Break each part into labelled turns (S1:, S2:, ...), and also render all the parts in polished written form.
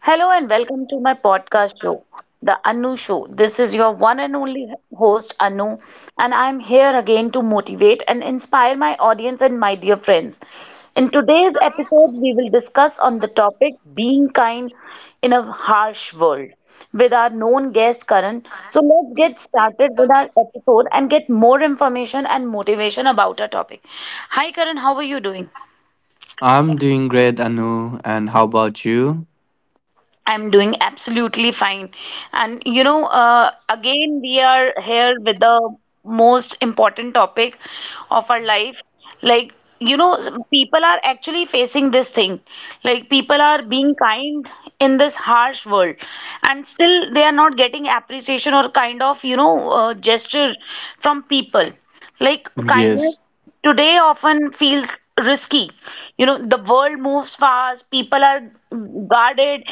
S1: Hello and welcome to my podcast show, The Anu Show. This is your one and only host, Anu, and I'm here again to motivate and inspire my audience and my dear friends. In today's episode, we will discuss on the topic being kind in a harsh world with our known guest Karan. So let's get started with our episode and get more information and motivation about our topic. Hi Karan, how are you doing?
S2: I'm doing great, Anu. And how about you?
S1: I'm doing absolutely fine. And again, we are here with the most important topic of our life. Like, people are actually facing this thing. Like, people are being kind in this harsh world, and still they are not getting appreciation or kind of, gesture from people. Like kindness
S2: Yes,
S1: today often feels risky. The world moves fast, people are guarded,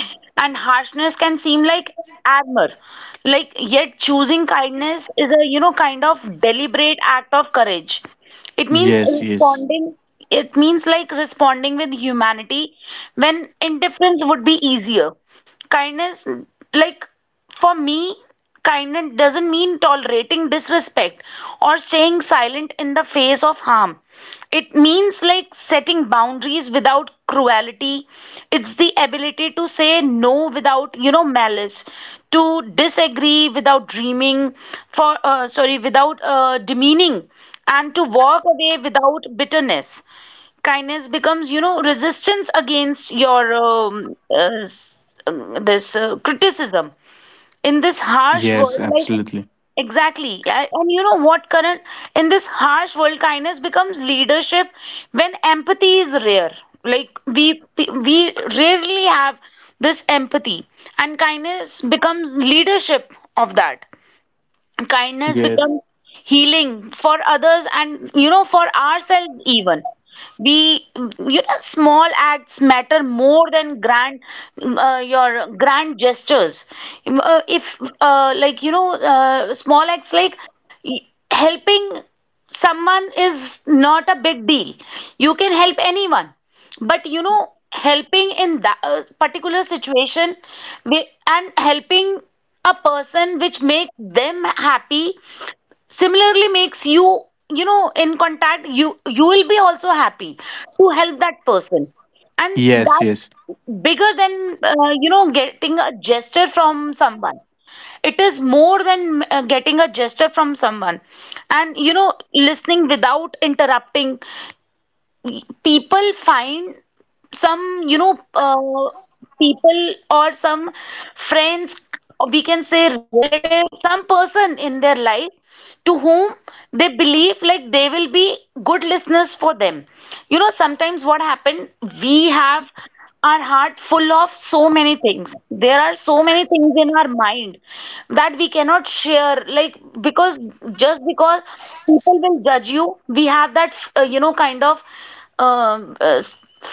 S1: and harshness can seem like armor. Like, yet choosing kindness is a kind of deliberate act of courage. It means
S2: yes, yes,
S1: responding, it means, like, responding with humanity when indifference would be easier. Kindness, like, for me, kindness doesn't mean tolerating disrespect or staying silent in the face of harm. It means, like, setting boundaries without cruelty. It's the ability to say no without malice, to disagree without dreaming, for, sorry, without demeaning, and to walk away without bitterness. Kindness becomes, resistance against your, this, criticism in this harsh
S2: yes,
S1: world, like.
S2: absolutely.
S1: Exactly, yeah, and you know what, current, in this harsh world, kindness becomes leadership when empathy is rare. Like, we rarely have this empathy, and kindness becomes leadership of that. Kindness
S2: Yes,
S1: becomes healing for others, and, for ourselves even. The small acts matter more than grand, your grand gestures. If like, small acts, like, y- helping someone is not a big deal. You can help anyone, but, helping in that, particular situation, and helping a person which makes them happy, similarly makes you, you know in contact, you will be also happy to help that person. And
S2: yes, yes,
S1: that's bigger than, getting a gesture from someone. It is more than, getting a gesture from someone. And, listening without interrupting, people find some, people or some friends, or we can say relative, some person in their life to whom they believe, like, they will be good listeners for them. Sometimes what happened, we have our heart full of so many things. There are so many things in our mind that we cannot share, like, because, just because, people will judge you. We have that, kind of, um, uh,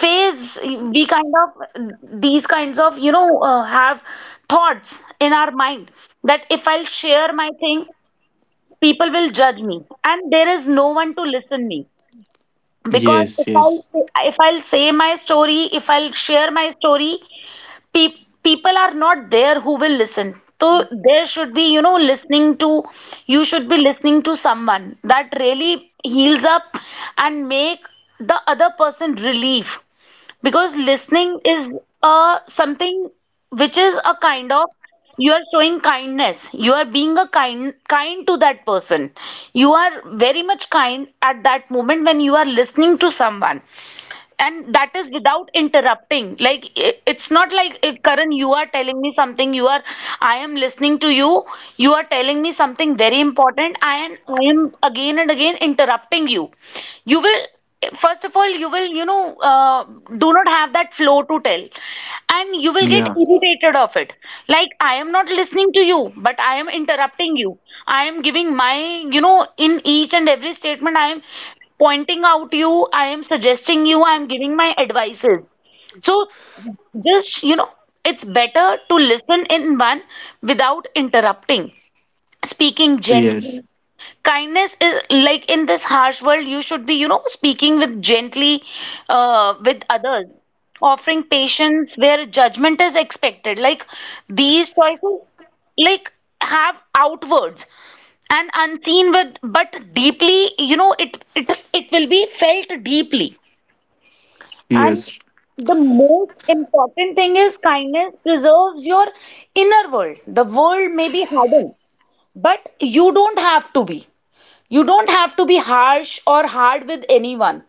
S1: phase, we kind of these kinds of, have thoughts in our mind that if I'll share my thing, people will judge me, and there is no one to listen me. Because
S2: yes, yes.
S1: if I'll say my story, if I'll share my story, people are not there who will listen. So there should be, listening to, you should be listening to someone that really heals up and make the other person relief. Because listening is, something which is a kind of, you are showing kindness. You are being a kind to that person. You are very much kind at that moment when you are listening to someone. And that is without interrupting. Like, it's not like, Karan, you are telling me something, you are I am listening to you. You are telling me something very important, and I am again and again interrupting you. You will, first of all, you will, do not have that flow to tell, and you will get
S2: Yeah,
S1: irritated of it. Like, I am not listening to you, but I am interrupting you. I am giving my, in each and every statement, I am pointing out you, I am suggesting you, I am giving my advices. So just, it's better to listen in one without interrupting, speaking
S2: yes,
S1: gently. Kindness is like, in this harsh world, you should be, speaking with gently, with others, offering patience where judgment is expected. Like, these choices, like, have outwards and unseen with, but deeply, it will be felt deeply. And
S2: yes,
S1: the most important thing is, kindness preserves your inner world. The world may be hardened, but you don't have to be. You don't have to be harsh or hard with anyone.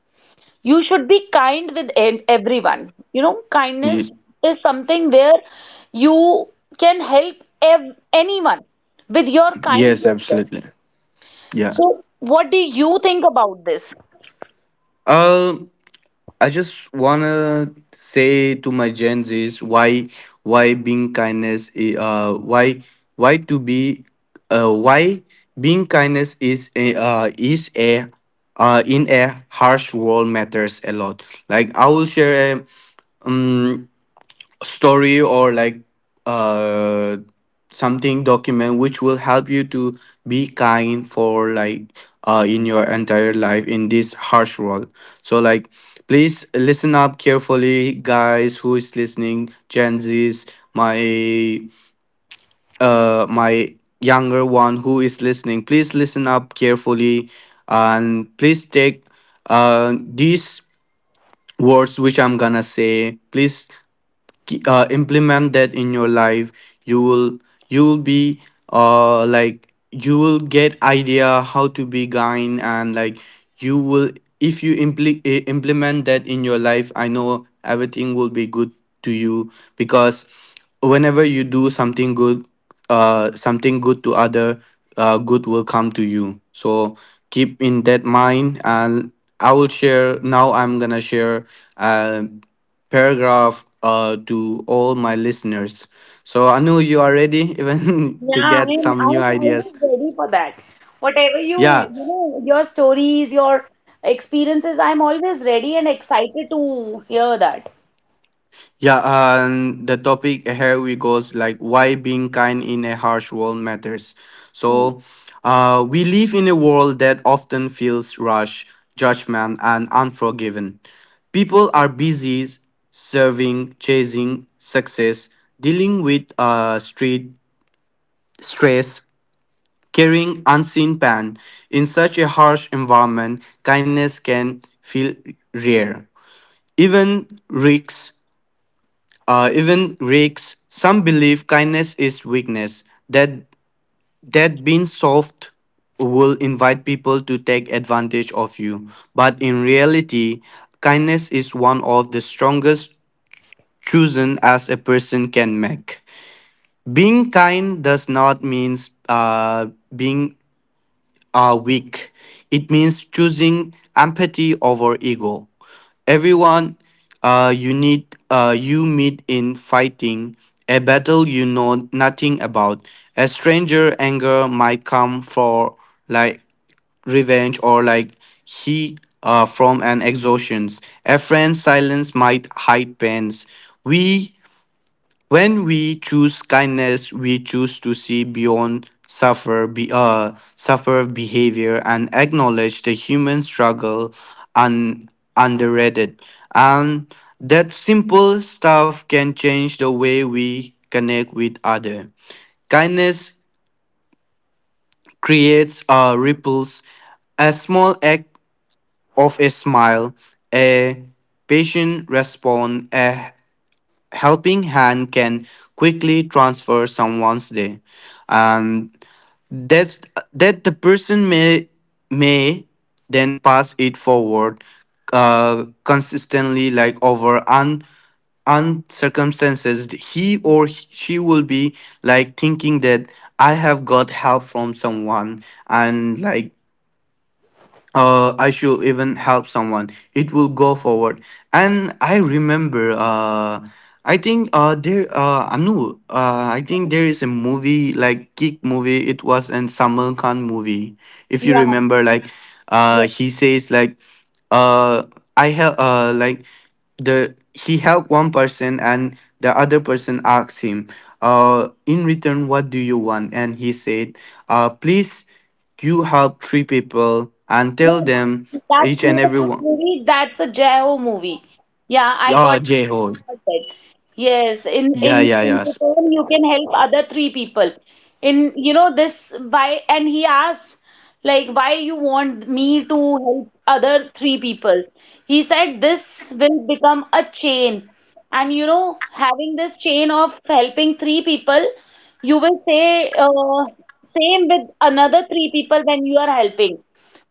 S1: You should be kind with everyone. Kindness
S2: ye-
S1: is something where you can help anyone with your kind
S2: yes,
S1: gesture.
S2: absolutely. Yeah.
S1: So, what do you think about this?
S2: Uh. I just wanna say to my Gen Zs, why being kindness why to be why being kindness is a in a harsh world matters a lot. Like I will share a um story, or like uh something document, which will help you to be kind for, like, in your entire life in this harsh world. So, like, please listen up carefully, guys who is listening, Gen Z's. My, my younger one who is listening, please listen up carefully, and please take these words which I'm gonna say. Please, implement that in your life. You will you will be, like, you will get idea how to be kind. And, like, you will, if you impl- eh, implement that in your life, I know everything will be good to you. Because whenever you do something good, to other, good will come to you, so keep in that mind. And I'm gonna share uh paragraph, to all my listeners. So Anu, you are ready even to
S1: Yeah,
S2: get
S1: I'm
S2: some new
S1: I'm
S2: ideas.
S1: always ready for that. Whatever you,
S2: Yeah,
S1: you know, your stories, your experiences, I'm always ready and excited to hear that.
S2: yeah. And the topic here we goes like, why being kind in a harsh world matters.
S1: Mm.
S2: So, we live in a world that often feels rush, judgment, and unforgiven. People are busy serving, chasing success, dealing with, street stress, carrying unseen pan. In such a harsh environment, kindness can feel rare. Even rakes, Even rakes. Some believe kindness is weakness. That that being soft will invite people to take advantage of you. But in reality, kindness is one of the strongest chosen as a person can make. Being kind does not mean, uh, being are weak. It means choosing empathy over ego. Everyone you meet in fighting a battle you know nothing about. A stranger anger might come for, like, revenge, or like he from an exhaustion. A friend's silence might hide pains. We when we choose kindness, we choose to see beyond suffer, suffer behavior, and acknowledge the human struggle and underrated. And that simple stuff can change the way we connect with other. Kindness creates, ripples. A small act of a smile, a patient response, a helping hand can quickly transfer someone's day, and that's that the person may may then pass it forward, consistently, like, over un circumstances he or she will be like thinking that I have got help from someone. And, I should even help someone. It will go forward. And I remember. I think, I think there is a movie like Kick movie. It was an Salman Khan movie. If you remember, like,
S1: Yeah.
S2: he says like, uh, I help, like the he helped one person and the other person asked him, in return, what do you want? And he said, please, you help three people and tell
S1: Yeah,
S2: them,
S1: that's
S2: each
S1: that's
S2: and
S1: not a
S2: every
S1: kick
S2: one.
S1: movie. That's a Jao movie. Yeah, I
S2: Yeah,
S1: got I
S2: J-ho.
S1: got that. Yes, in
S2: Yeah,
S1: in
S2: yeah,
S1: in
S2: yes,
S1: return you can help other three people. In this why and he asks, like, why you want me to help other three people. He said this will become a chain. And, having this chain of helping three people, you will say, same with another three people, when you are helping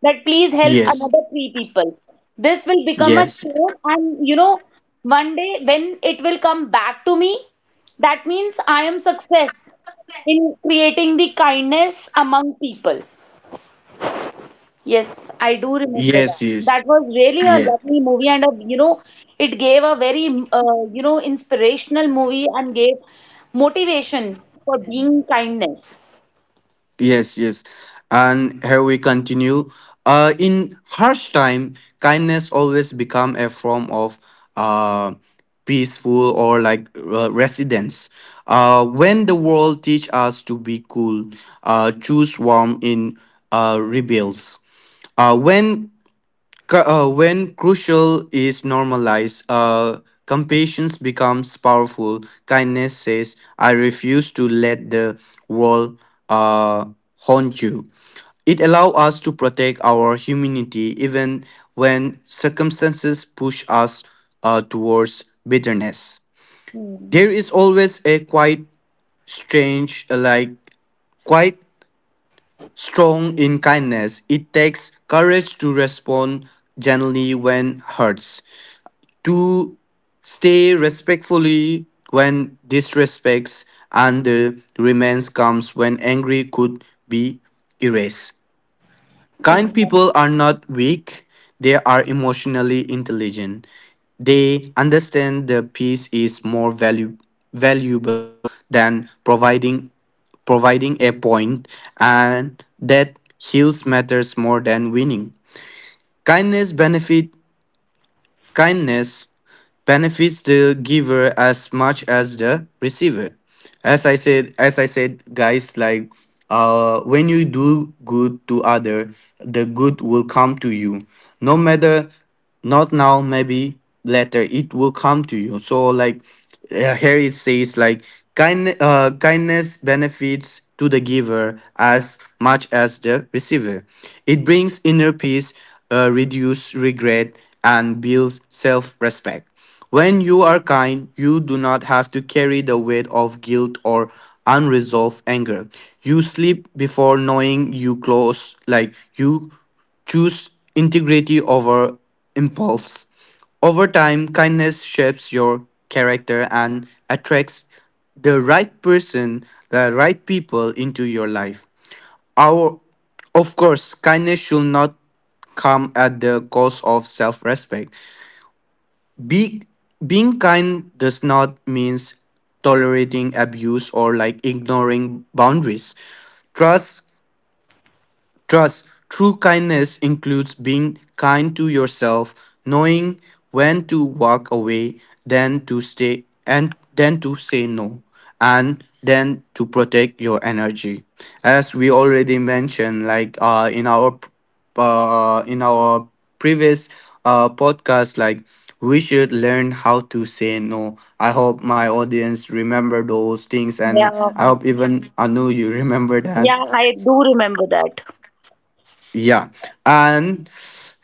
S1: that, please help
S2: yes,
S1: another three people. This will become a
S2: yes,
S1: chain, and, one day when it will come back to me, that means I am success in creating the kindness among people. Yes, I do remember
S2: yes,
S1: that.
S2: yes,
S1: That was really a
S2: yes.
S1: lovely movie, and it gave a very, inspirational movie and gave motivation for being kindness.
S2: Yes, yes. And here we continue. In harsh time, kindness always become a form of, uh, peaceful, or like, residence. When the world teach us to be cool, choose warm in, rebels. Uh, when when crucial is normalized, compassion becomes powerful. Kindness says, I refuse to let the world, uh, haunt you. It allows us to protect our humanity even when circumstances push us, towards bitterness.
S1: Hmm,
S2: There is always a quite strange, like quite strong in kindness. It takes courage to respond gently when hurt, to stay respectfully when disrespects, and the remains comes when angry could be erased. Kind
S1: exactly.
S2: people are not weak, they are emotionally intelligent. They understand the peace is more value valuable than providing a point, and that heals matters more than winning. Kindness benefit Kindness benefits the giver as much as the receiver. As I said, guys, like, when you do good to other, the good will come to you. No matter, not now, maybe later, it will come to you. So, like, here it says, like, kindness benefits to the giver as much as the receiver. It brings inner peace, reduce regret, and builds self-respect. When you are kind, you do not have to carry the weight of guilt or unresolved anger. You sleep before knowing you close, like, you choose integrity over impulse. Over time, kindness shapes your character and attracts the right person, the right people into your life. Our, of course, kindness should not come at the cost of self respect. Be, Being kind does not means tolerating abuse, or like, ignoring boundaries. Trust Trust true kindness includes being kind to yourself, knowing when to walk away, then to stay, and then to say no, and then to protect your energy. As we already mentioned, like, in our previous, podcast, like, we should learn how to say no. I hope my audience remember those things, and
S1: Yeah,
S2: I hope even Anu you remember that.
S1: yeah, I do remember that.
S2: Yeah. And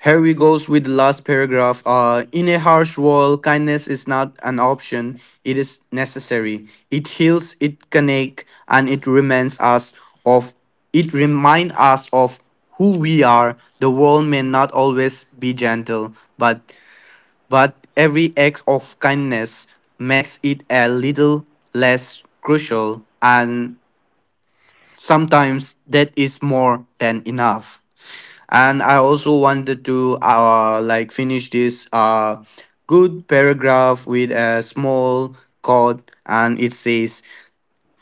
S2: here we goes with the last paragraph. In a harsh world, kindness is not an option. It is necessary. It heals, it connects, and of it remind us of who we are. The world may not always be gentle, but every act of kindness makes it a little less crucial, and sometimes that is more than enough. And I also wanted to, like, finish this, good paragraph with a small quote, and it says,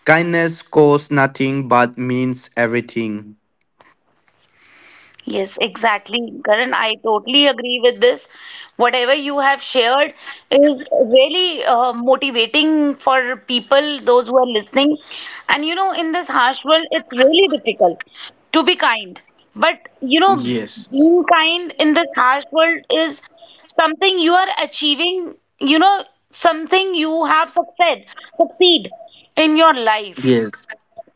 S2: kindness costs nothing but means everything.
S1: Yes, exactly. Karan, I totally agree with this. Whatever you have shared is really, motivating for people, those who are listening. And, in this harsh world, it's really difficult to be kind. But, you know,
S2: Yes,
S1: being kind in this harsh world is something you are achieving, you know, something you have success, succeed in your life.
S2: yes,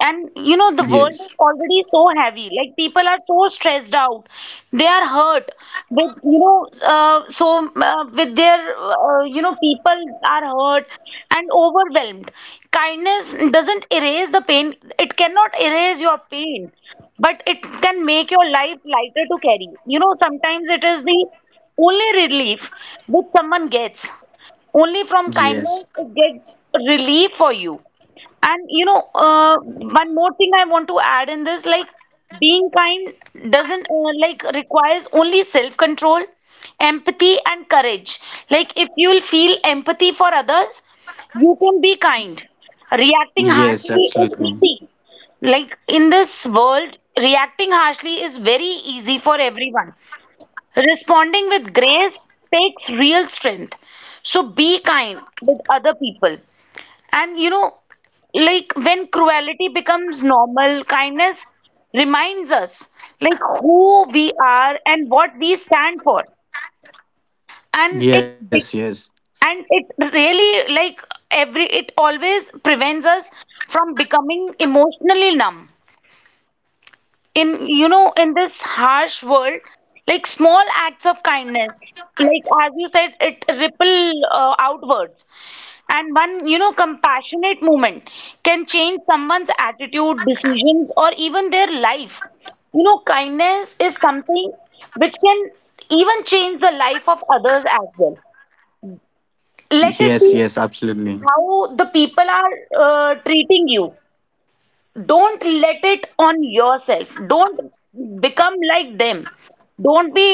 S1: And, the world
S2: yes,
S1: is already so heavy. Like people are so stressed out. They are hurt with, so, with their, people are hurt and overwhelmed. Kindness doesn't erase the pain. It cannot erase your pain, but it can make your life lighter to carry. Sometimes it is the only relief that someone gets. Only from
S2: yes,
S1: kindness it gets relief for you. And, one more thing I want to add in this, like being kind doesn't, like, requires only self-control, empathy, and courage. Like if you will feel empathy for others, you can be kind. Reacting
S2: yes,
S1: harshly is
S2: absolutely.
S1: easy. Like in this world, reacting harshly is very easy for everyone. Responding with grace takes real strength. So be kind with other people. And, like, when cruelty becomes normal, kindness reminds us, like, who we are and what we stand for. And it
S2: Yes,
S1: be-
S2: yes,
S1: and it really, like, every it always prevents us from becoming emotionally numb in, this harsh world. Like, small acts of kindness, like, as you said, it ripple, outwards, and one, compassionate movement can change someone's attitude, decisions, or even their life. Kindness is something which can even change the life of others as well. Let it
S2: yes,
S1: be
S2: yes, absolutely.
S1: how the people are, treating you. Don't let it on yourself. Don't become like them. don't be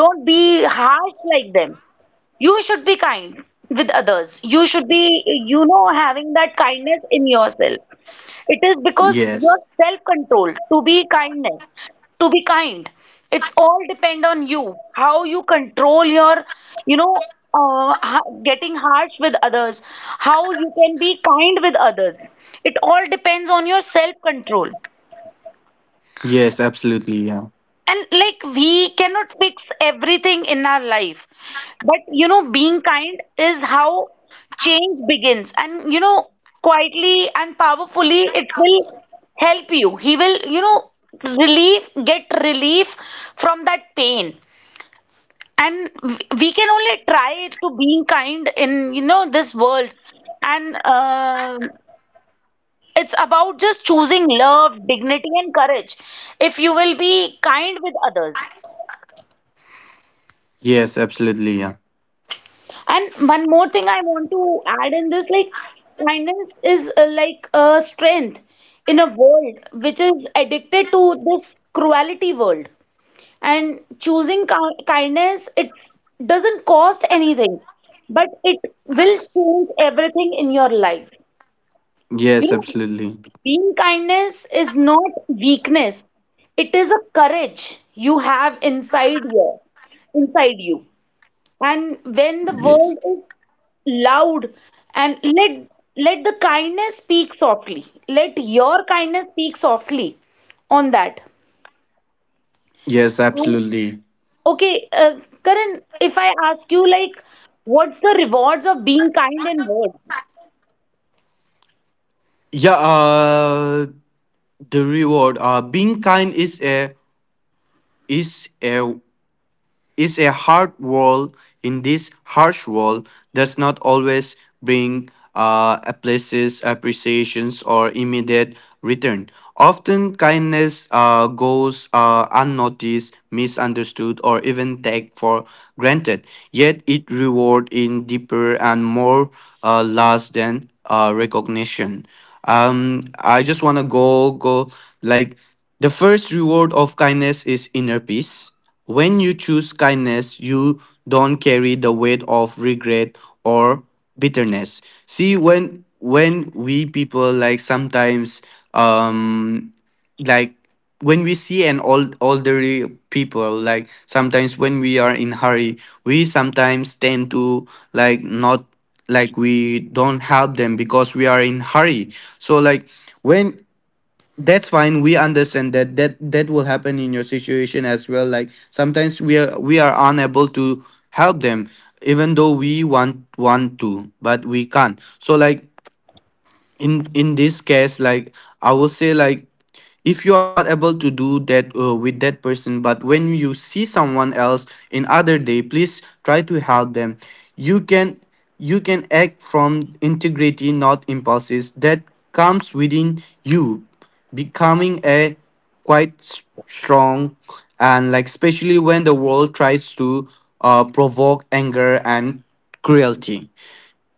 S1: don't be harsh like them. You should be kind with others. You should be, having that kindness in yourself. It is because
S2: Yes,
S1: your self-control to be kindness, to be kind. It's all depend on you, how you control your, you know, getting harsh with others, how you can be kind with others. It all depends on your self-control.
S2: yes, absolutely. Yeah.
S1: And like we cannot fix everything in our life. But, being kind is how change begins. And, quietly and powerfully, it will help you. He will, relief, get relief from that pain. And we can only try to being kind in, this world. And it's about just choosing love, dignity, and courage, if you will be kind with others.
S2: Yes, absolutely. Yeah.
S1: And one more thing I want to add in this, like kindness is, like, a strength in a world which is addicted to this cruelty world. And choosing kindness, it doesn't cost anything, but it will change everything in your life. You
S2: Yes,
S1: know,
S2: absolutely.
S1: being kindness is not weakness, it is a courage you have inside you inside you and when the world
S2: Yes,
S1: is loud and let your kindness speak softly on that.
S2: yes,
S1: Um,
S2: absolutely.
S1: okay uh, Karan, if I ask you, like, what's the rewards of being kind in words?
S2: Yeah. The reward, being kind, is a, is a, hard world. In this harsh world, does not always bring, places appreciations or immediate return. Often kindness, goes, unnoticed, misunderstood, or even taken for granted. Yet it reward in deeper and more, last than, recognition. I just want to go, like, the first reward of kindness is inner peace. When you choose kindness, you don't carry the weight of regret or bitterness. See, when we people, like, sometimes, um like, when we see an old elderly people, like, sometimes when we are in hurry, we sometimes tend to, like, not, we don't help them because we are in hurry. So, like, when, that's fine, we understand that that will happen in your situation as well. Like, sometimes we are unable to help them, even though we want to, but we can't. So, like, in this case, like, I will say, like, if you are not able to do that, with that person, but when you see someone else in other day, please try to help them. You can you can act from integrity, not impulses that comes within you. Becoming a quite strong, and like, especially when the world tries to, provoke anger and cruelty.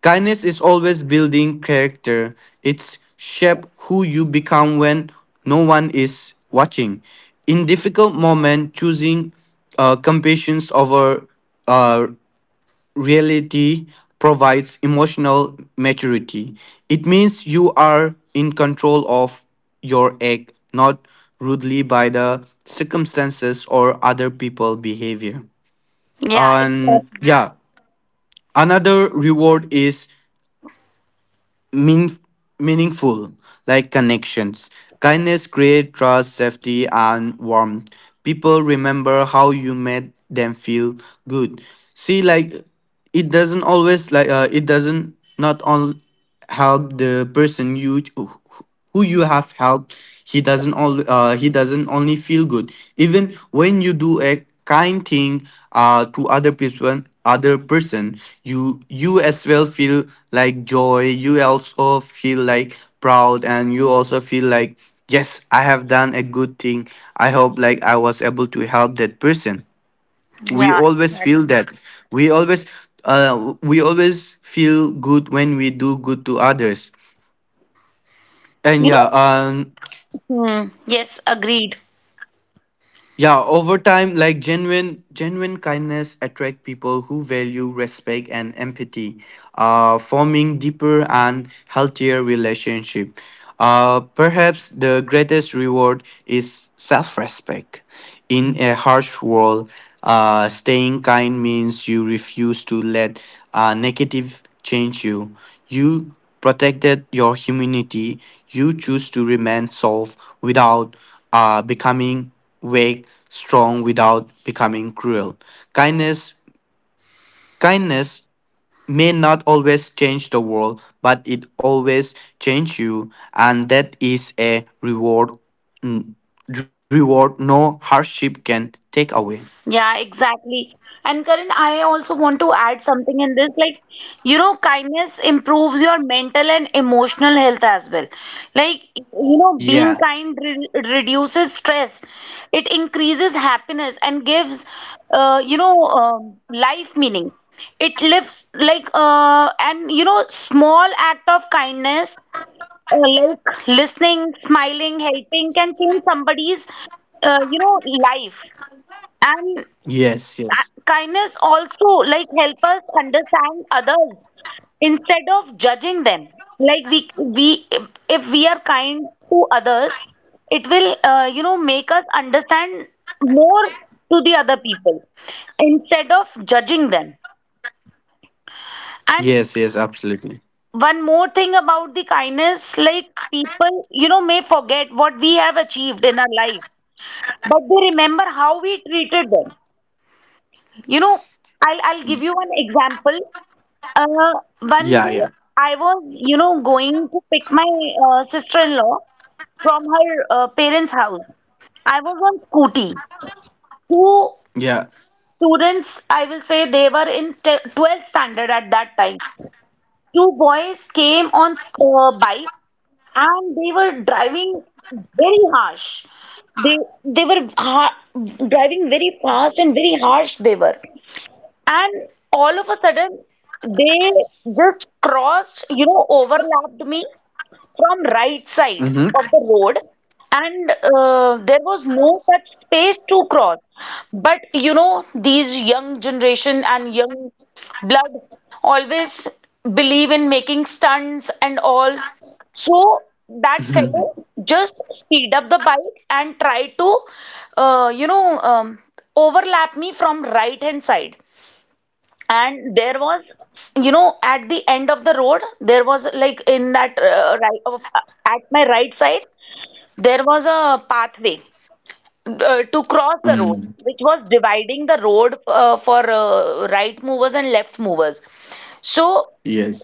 S2: Kindness is always building character. It's shape who you become when no one is watching. In difficult moment, choosing, compassion over, uh, reality, provides emotional maturity. It means you are in control of your act, not rudely by the circumstances or other people behavior.
S1: Yeah,
S2: And
S1: exactly.
S2: yeah, another reward is mean, meaningful, like, connections. Kindness create trust, safety, and warmth. People remember how you made them feel good. See, like, it doesn't always, like, it doesn't not all help the person, you who you have helped. He doesn't only feel good. Even when you do a kind thing, to other person, you as well feel like joy. You also feel like proud, and you also feel like, yes, I have done a good thing. I hope, like, I was able to help that person. We
S1: Yeah,
S2: always feel
S1: exactly.
S2: that. we always uh we always feel good when we do good to others. And
S1: you
S2: yeah.
S1: know Hmm. Yes, agreed.
S2: Yeah, over time, like, genuine kindness attract people who value respect and empathy, forming deeper and healthier relationship. Perhaps the greatest reward is self-respect. In a harsh world, staying kind means you refuse to let, negative change you. You protected your humanity. You choose to remain soft without, becoming wake strong without becoming cruel. Kindness Kindness may not always change the world, but it always change you, and that is a reward, mm, reward no hardship can take away.
S1: Yeah, exactly. And Karan, I also want to add something in this. Like, you know, kindness improves your mental and emotional health as well. Like, you know, being
S2: Yeah.
S1: kind re reduces stress, it increases happiness and gives, life meaning. It lives, like, and, you know, small act of kindness, like listening, smiling, helping can change somebody's, uh, you know, life. And
S2: Yes, yes.
S1: kindness also, like, help us understand others instead of judging them. Like, we, if we are kind to others, it will, make us understand more to the other people, instead of judging them. And
S2: Yes, yes, absolutely.
S1: one more thing about the kindness, like, people, you know, may forget what we have achieved in our life, but they remember how we treated them, you know. I'll give you an example. Uh, One day
S2: Yeah, yeah.
S1: I was, you know, going to pick my, sister-in-law from her, parents' house. I was on scooty. Two
S2: Yeah.
S1: students, I will say they were in t 12th standard at that time. Two boys came on bike and they were driving very harsh. They they were ha driving very fast and very harsh, they were. And all of a sudden, they just crossed, you know, overlapped me from right side of the
S2: Mm-hmm.
S1: road, and there was no such space to cross. But, you know, these young generation and young blood always believe in making stunts and all. So that fellow just speed up the bike and try to, uh, you know, um, overlap me from right hand side, and there was, you know, at the end of the road there was, like, in that, at my right side there was a pathway, to cross the road
S2: um,
S1: which was dividing the road, for, right movers and left movers. So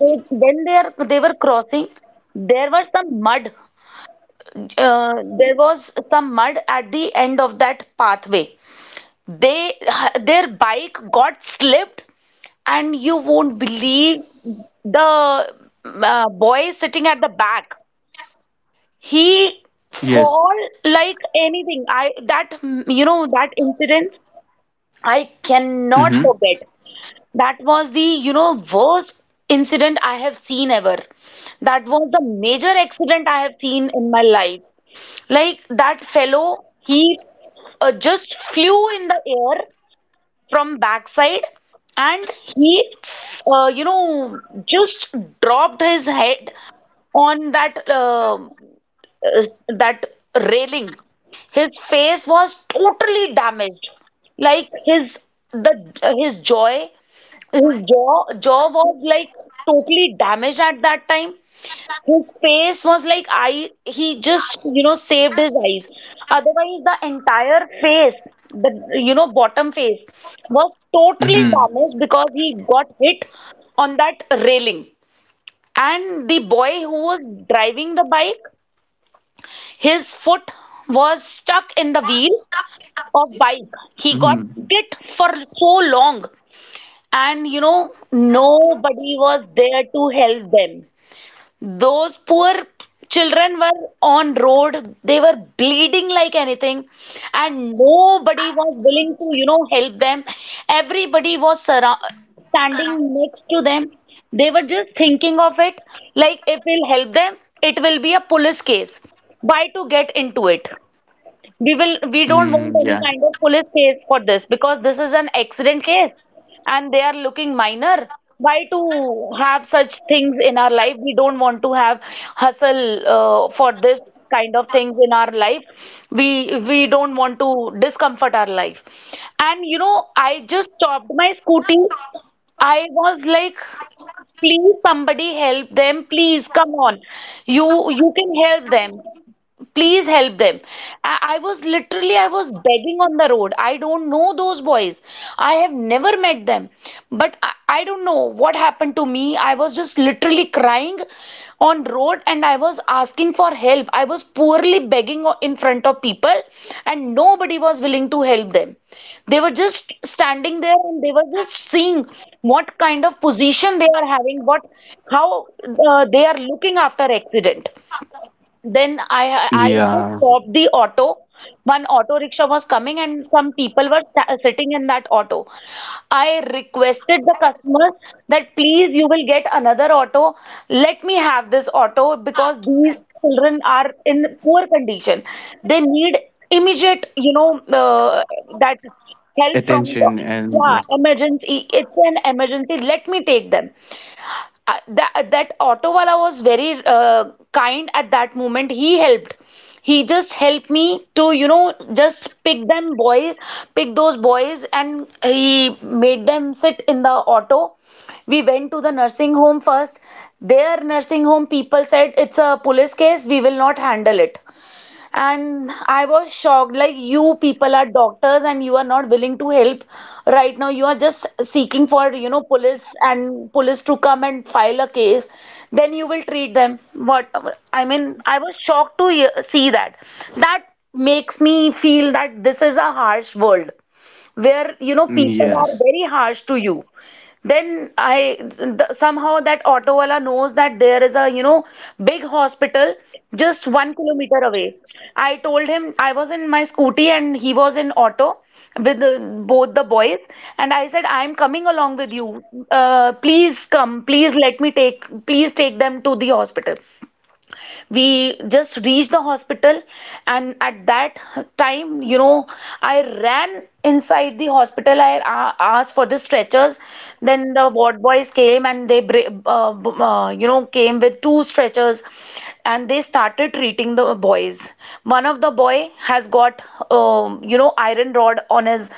S1: they, when they are they were crossing, there was some mud there was some mud at the end of that pathway, they their bike got slipped, and you won't believe, the, boy sitting at the back, he fall
S2: Yes.
S1: like anything. I that You know, that incident I cannot
S2: Mm-hmm.
S1: forget. That was the, you know, worst incident I have seen ever. That was the major accident I have seen in my life. Like, that fellow, he, just flew in the air from backside, and he, uh, you know just dropped his head on uh, that railing. His face was totally damaged. Like, the his jaw his jaw was, like, totally damaged at that time. His face was, like, I he just, you know, saved his eyes. Otherwise the entire face, the, bottom face, was totally
S2: Mm-hmm.
S1: damaged because he got hit on that railing. And the boy who was driving the bike, his foot was stuck in the wheel of bike. He got
S2: Mm-hmm.
S1: hit for so long, and, you know, nobody was there to help them. Those poor children were on road, they were bleeding like anything, and nobody was willing to, you know, help them. Everybody was standing next to them. They were just thinking of it, like, if we'll help them, it will be a police case. Why to get into it? We don't want any
S2: Mm,
S1: kind
S2: yeah.
S1: of police case for this because this is an accident case. And they are looking minor. Why to have such things in our life? We don't want to have hustle, for this kind of things in our life. We don't want to discomfort our life. And, you know, I just stopped my scooty. I was like, please somebody help them, please come on, you can help them, please help them. I was literally, I was begging on the road, I don't know those boys, I have never met them. But I don't know what happened to me. I was just literally crying on road, and I was asking for help. I was poorly begging in front of people, and nobody was willing to help them. They were just standing there and they were just seeing what kind of position they are having, what how they are looking after accident. Then I just
S2: Yeah.
S1: stopped the auto. One auto rickshaw was coming, and some people were sitting in that auto. I requested the customers that please, you will get another auto. Let me have this auto because these children are in poor condition. They need immediate, you know, that help from the.
S2: Attention,
S1: Yeah,
S2: and yeah.
S1: emergency. It's an emergency. Let me take them. That auto wala was very, kind at that moment. He helped. He just helped me to, you know, just pick them boys, pick those boys, and he made them sit in the auto. We went to the nursing home first. Their nursing home people said it's a police case. We will not handle it. And I was shocked, like, you people are doctors and you are not willing to help right now. You are just seeking for, you know, police to come and file a case. Then you will treat them. What I mean, I was shocked to hear, see that. That makes me feel that this is a harsh world where, you know,
S2: Mm,
S1: people are very
S2: yes,
S1: harsh to you. Then I, somehow that auto wala knows that there is a, you know, big hospital just 1 kilometer away. I told him, I was in my scooty and he was in auto with both the boys, and I said, I'm coming along with you. Please come, please take them to the hospital. We just reached the hospital, and at that time, you know, I ran inside the hospital. I asked for the stretchers. Then the ward boys came and they came with two stretchers, and they started treating the boys. One of the boy has got, iron rod on his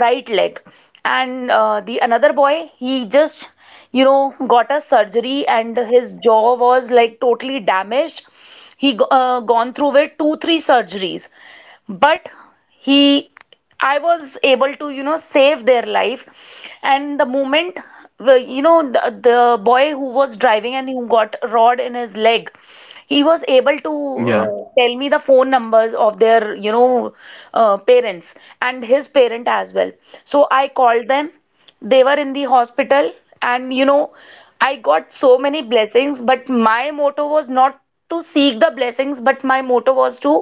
S1: right leg, and the another boy, he just, you know, got a surgery, and his jaw was, like, totally damaged. He gone through with two, three surgeries, but he, I was able to, you know, save their life. And the moment, the boy who was driving and who got rod in his leg, he was able to,
S2: yeah.
S1: tell me the phone numbers of their, parents, and his parent as well. So I called them, they were in the hospital. And, you know, I got so many blessings, but my motto was not to seek the blessings, but my motto was to,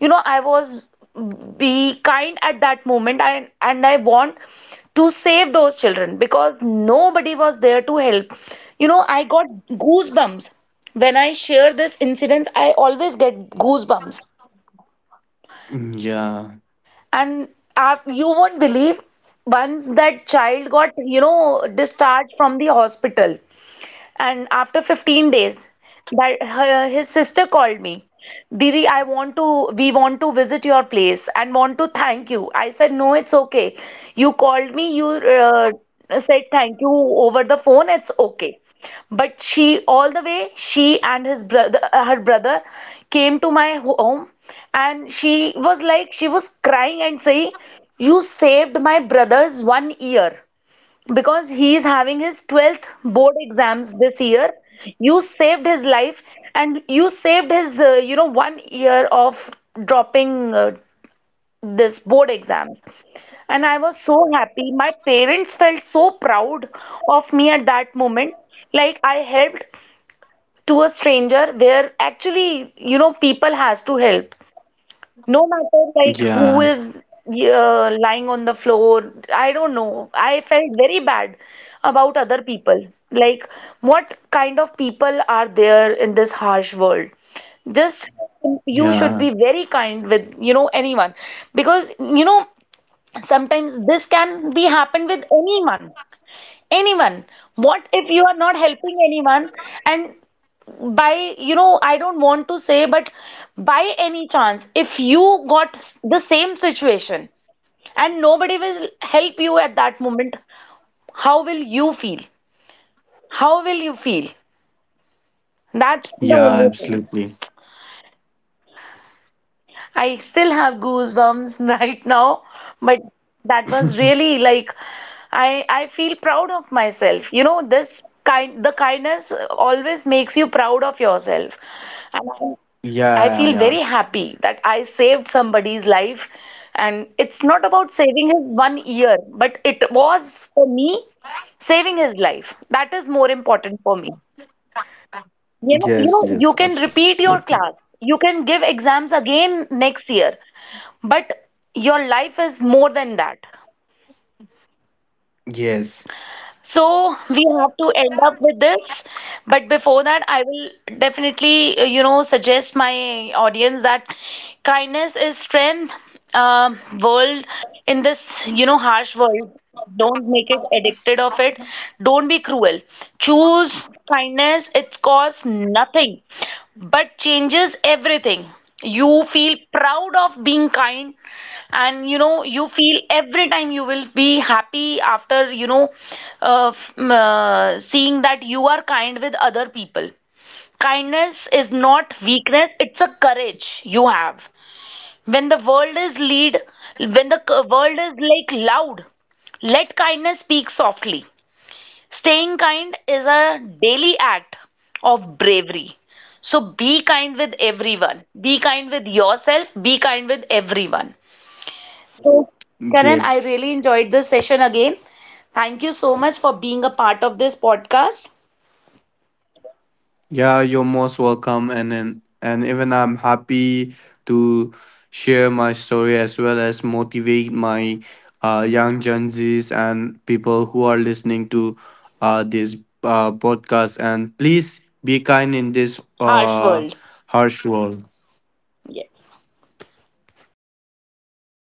S1: you know I was be kind at that moment, and I want to save those children because nobody was there to help. You know, I got goosebumps when I share this incident. I always get goosebumps.
S2: Mm, yeah.
S1: And af you won't believe, once that child got, you know, discharged from the hospital, and after 15 days, that, his sister called me. Didi, we want to visit your place and want to thank you. I said, no, it's okay. You called me, you said thank you over the phone, it's okay. But she, all the way, she and her brother came to my home, and she was, like, she was crying and saying, you saved my brother's one ear, because he is having his 12th board exams this year, you saved his life, and you saved his, one year of dropping, this board exams. And I was so happy, my parents felt so proud of me at that moment, like, I helped to a stranger where, actually, you know, people has to help no matter, like, who
S2: Yeah,
S1: is, lying on the floor, I don't know. I felt very bad about other people. Like, what kind of people are there in this harsh world? Just, you should be
S2: yeah,
S1: very kind with, you know, anyone, because, you know, sometimes this can be happen with anyone. Anyone. What if you are not helping anyone, and by, you know, I don't want to say, but by any chance if you got the same situation, and nobody will help you at that moment, how will you feel, how will you feel? That's the only
S2: yeah,
S1: thing.
S2: absolutely.
S1: I still have goosebumps right now, but that was really, like, I feel proud of myself, you know, this kind the kindness always makes you proud of yourself. And I
S2: Yeah, yeah,
S1: feel very
S2: yeah.
S1: happy that I saved somebody's life. And it's not about saving his one year, but it was for me saving his life. That is more important for me. You know, you
S2: Yes,
S1: know, you
S2: yes,
S1: can repeat
S2: absolutely.
S1: your class, you can give exams again next year, but your life is more than that.
S2: Yes,
S1: So we have to end up with this. But before that, I will definitely, you know, suggest my audience that kindness is strength. World In this, you know, harsh world, don't make it addicted of it. Don't be cruel. Choose kindness. It costs nothing, but changes everything. You feel proud of being kind, and you know you feel every time, you will be happy after, seeing that you are kind with other people. Kindness is not weakness, it's a courage you have. when the world is lead when the world is, like, loud, let kindness speak softly. Staying kind is a daily act of bravery. So be kind with everyone. Be kind with yourself. Be kind with everyone. So, Karan, I
S2: yes.
S1: really enjoyed this session again. Thank you so much for being a part of this podcast,
S2: Yeah, you're most welcome. And even I'm happy to share my story, as well as motivate my, young Gen Zs, and people who are listening to, this, podcast. And please be kind in this,
S1: Harsh World.
S2: harsh world.
S1: Yes.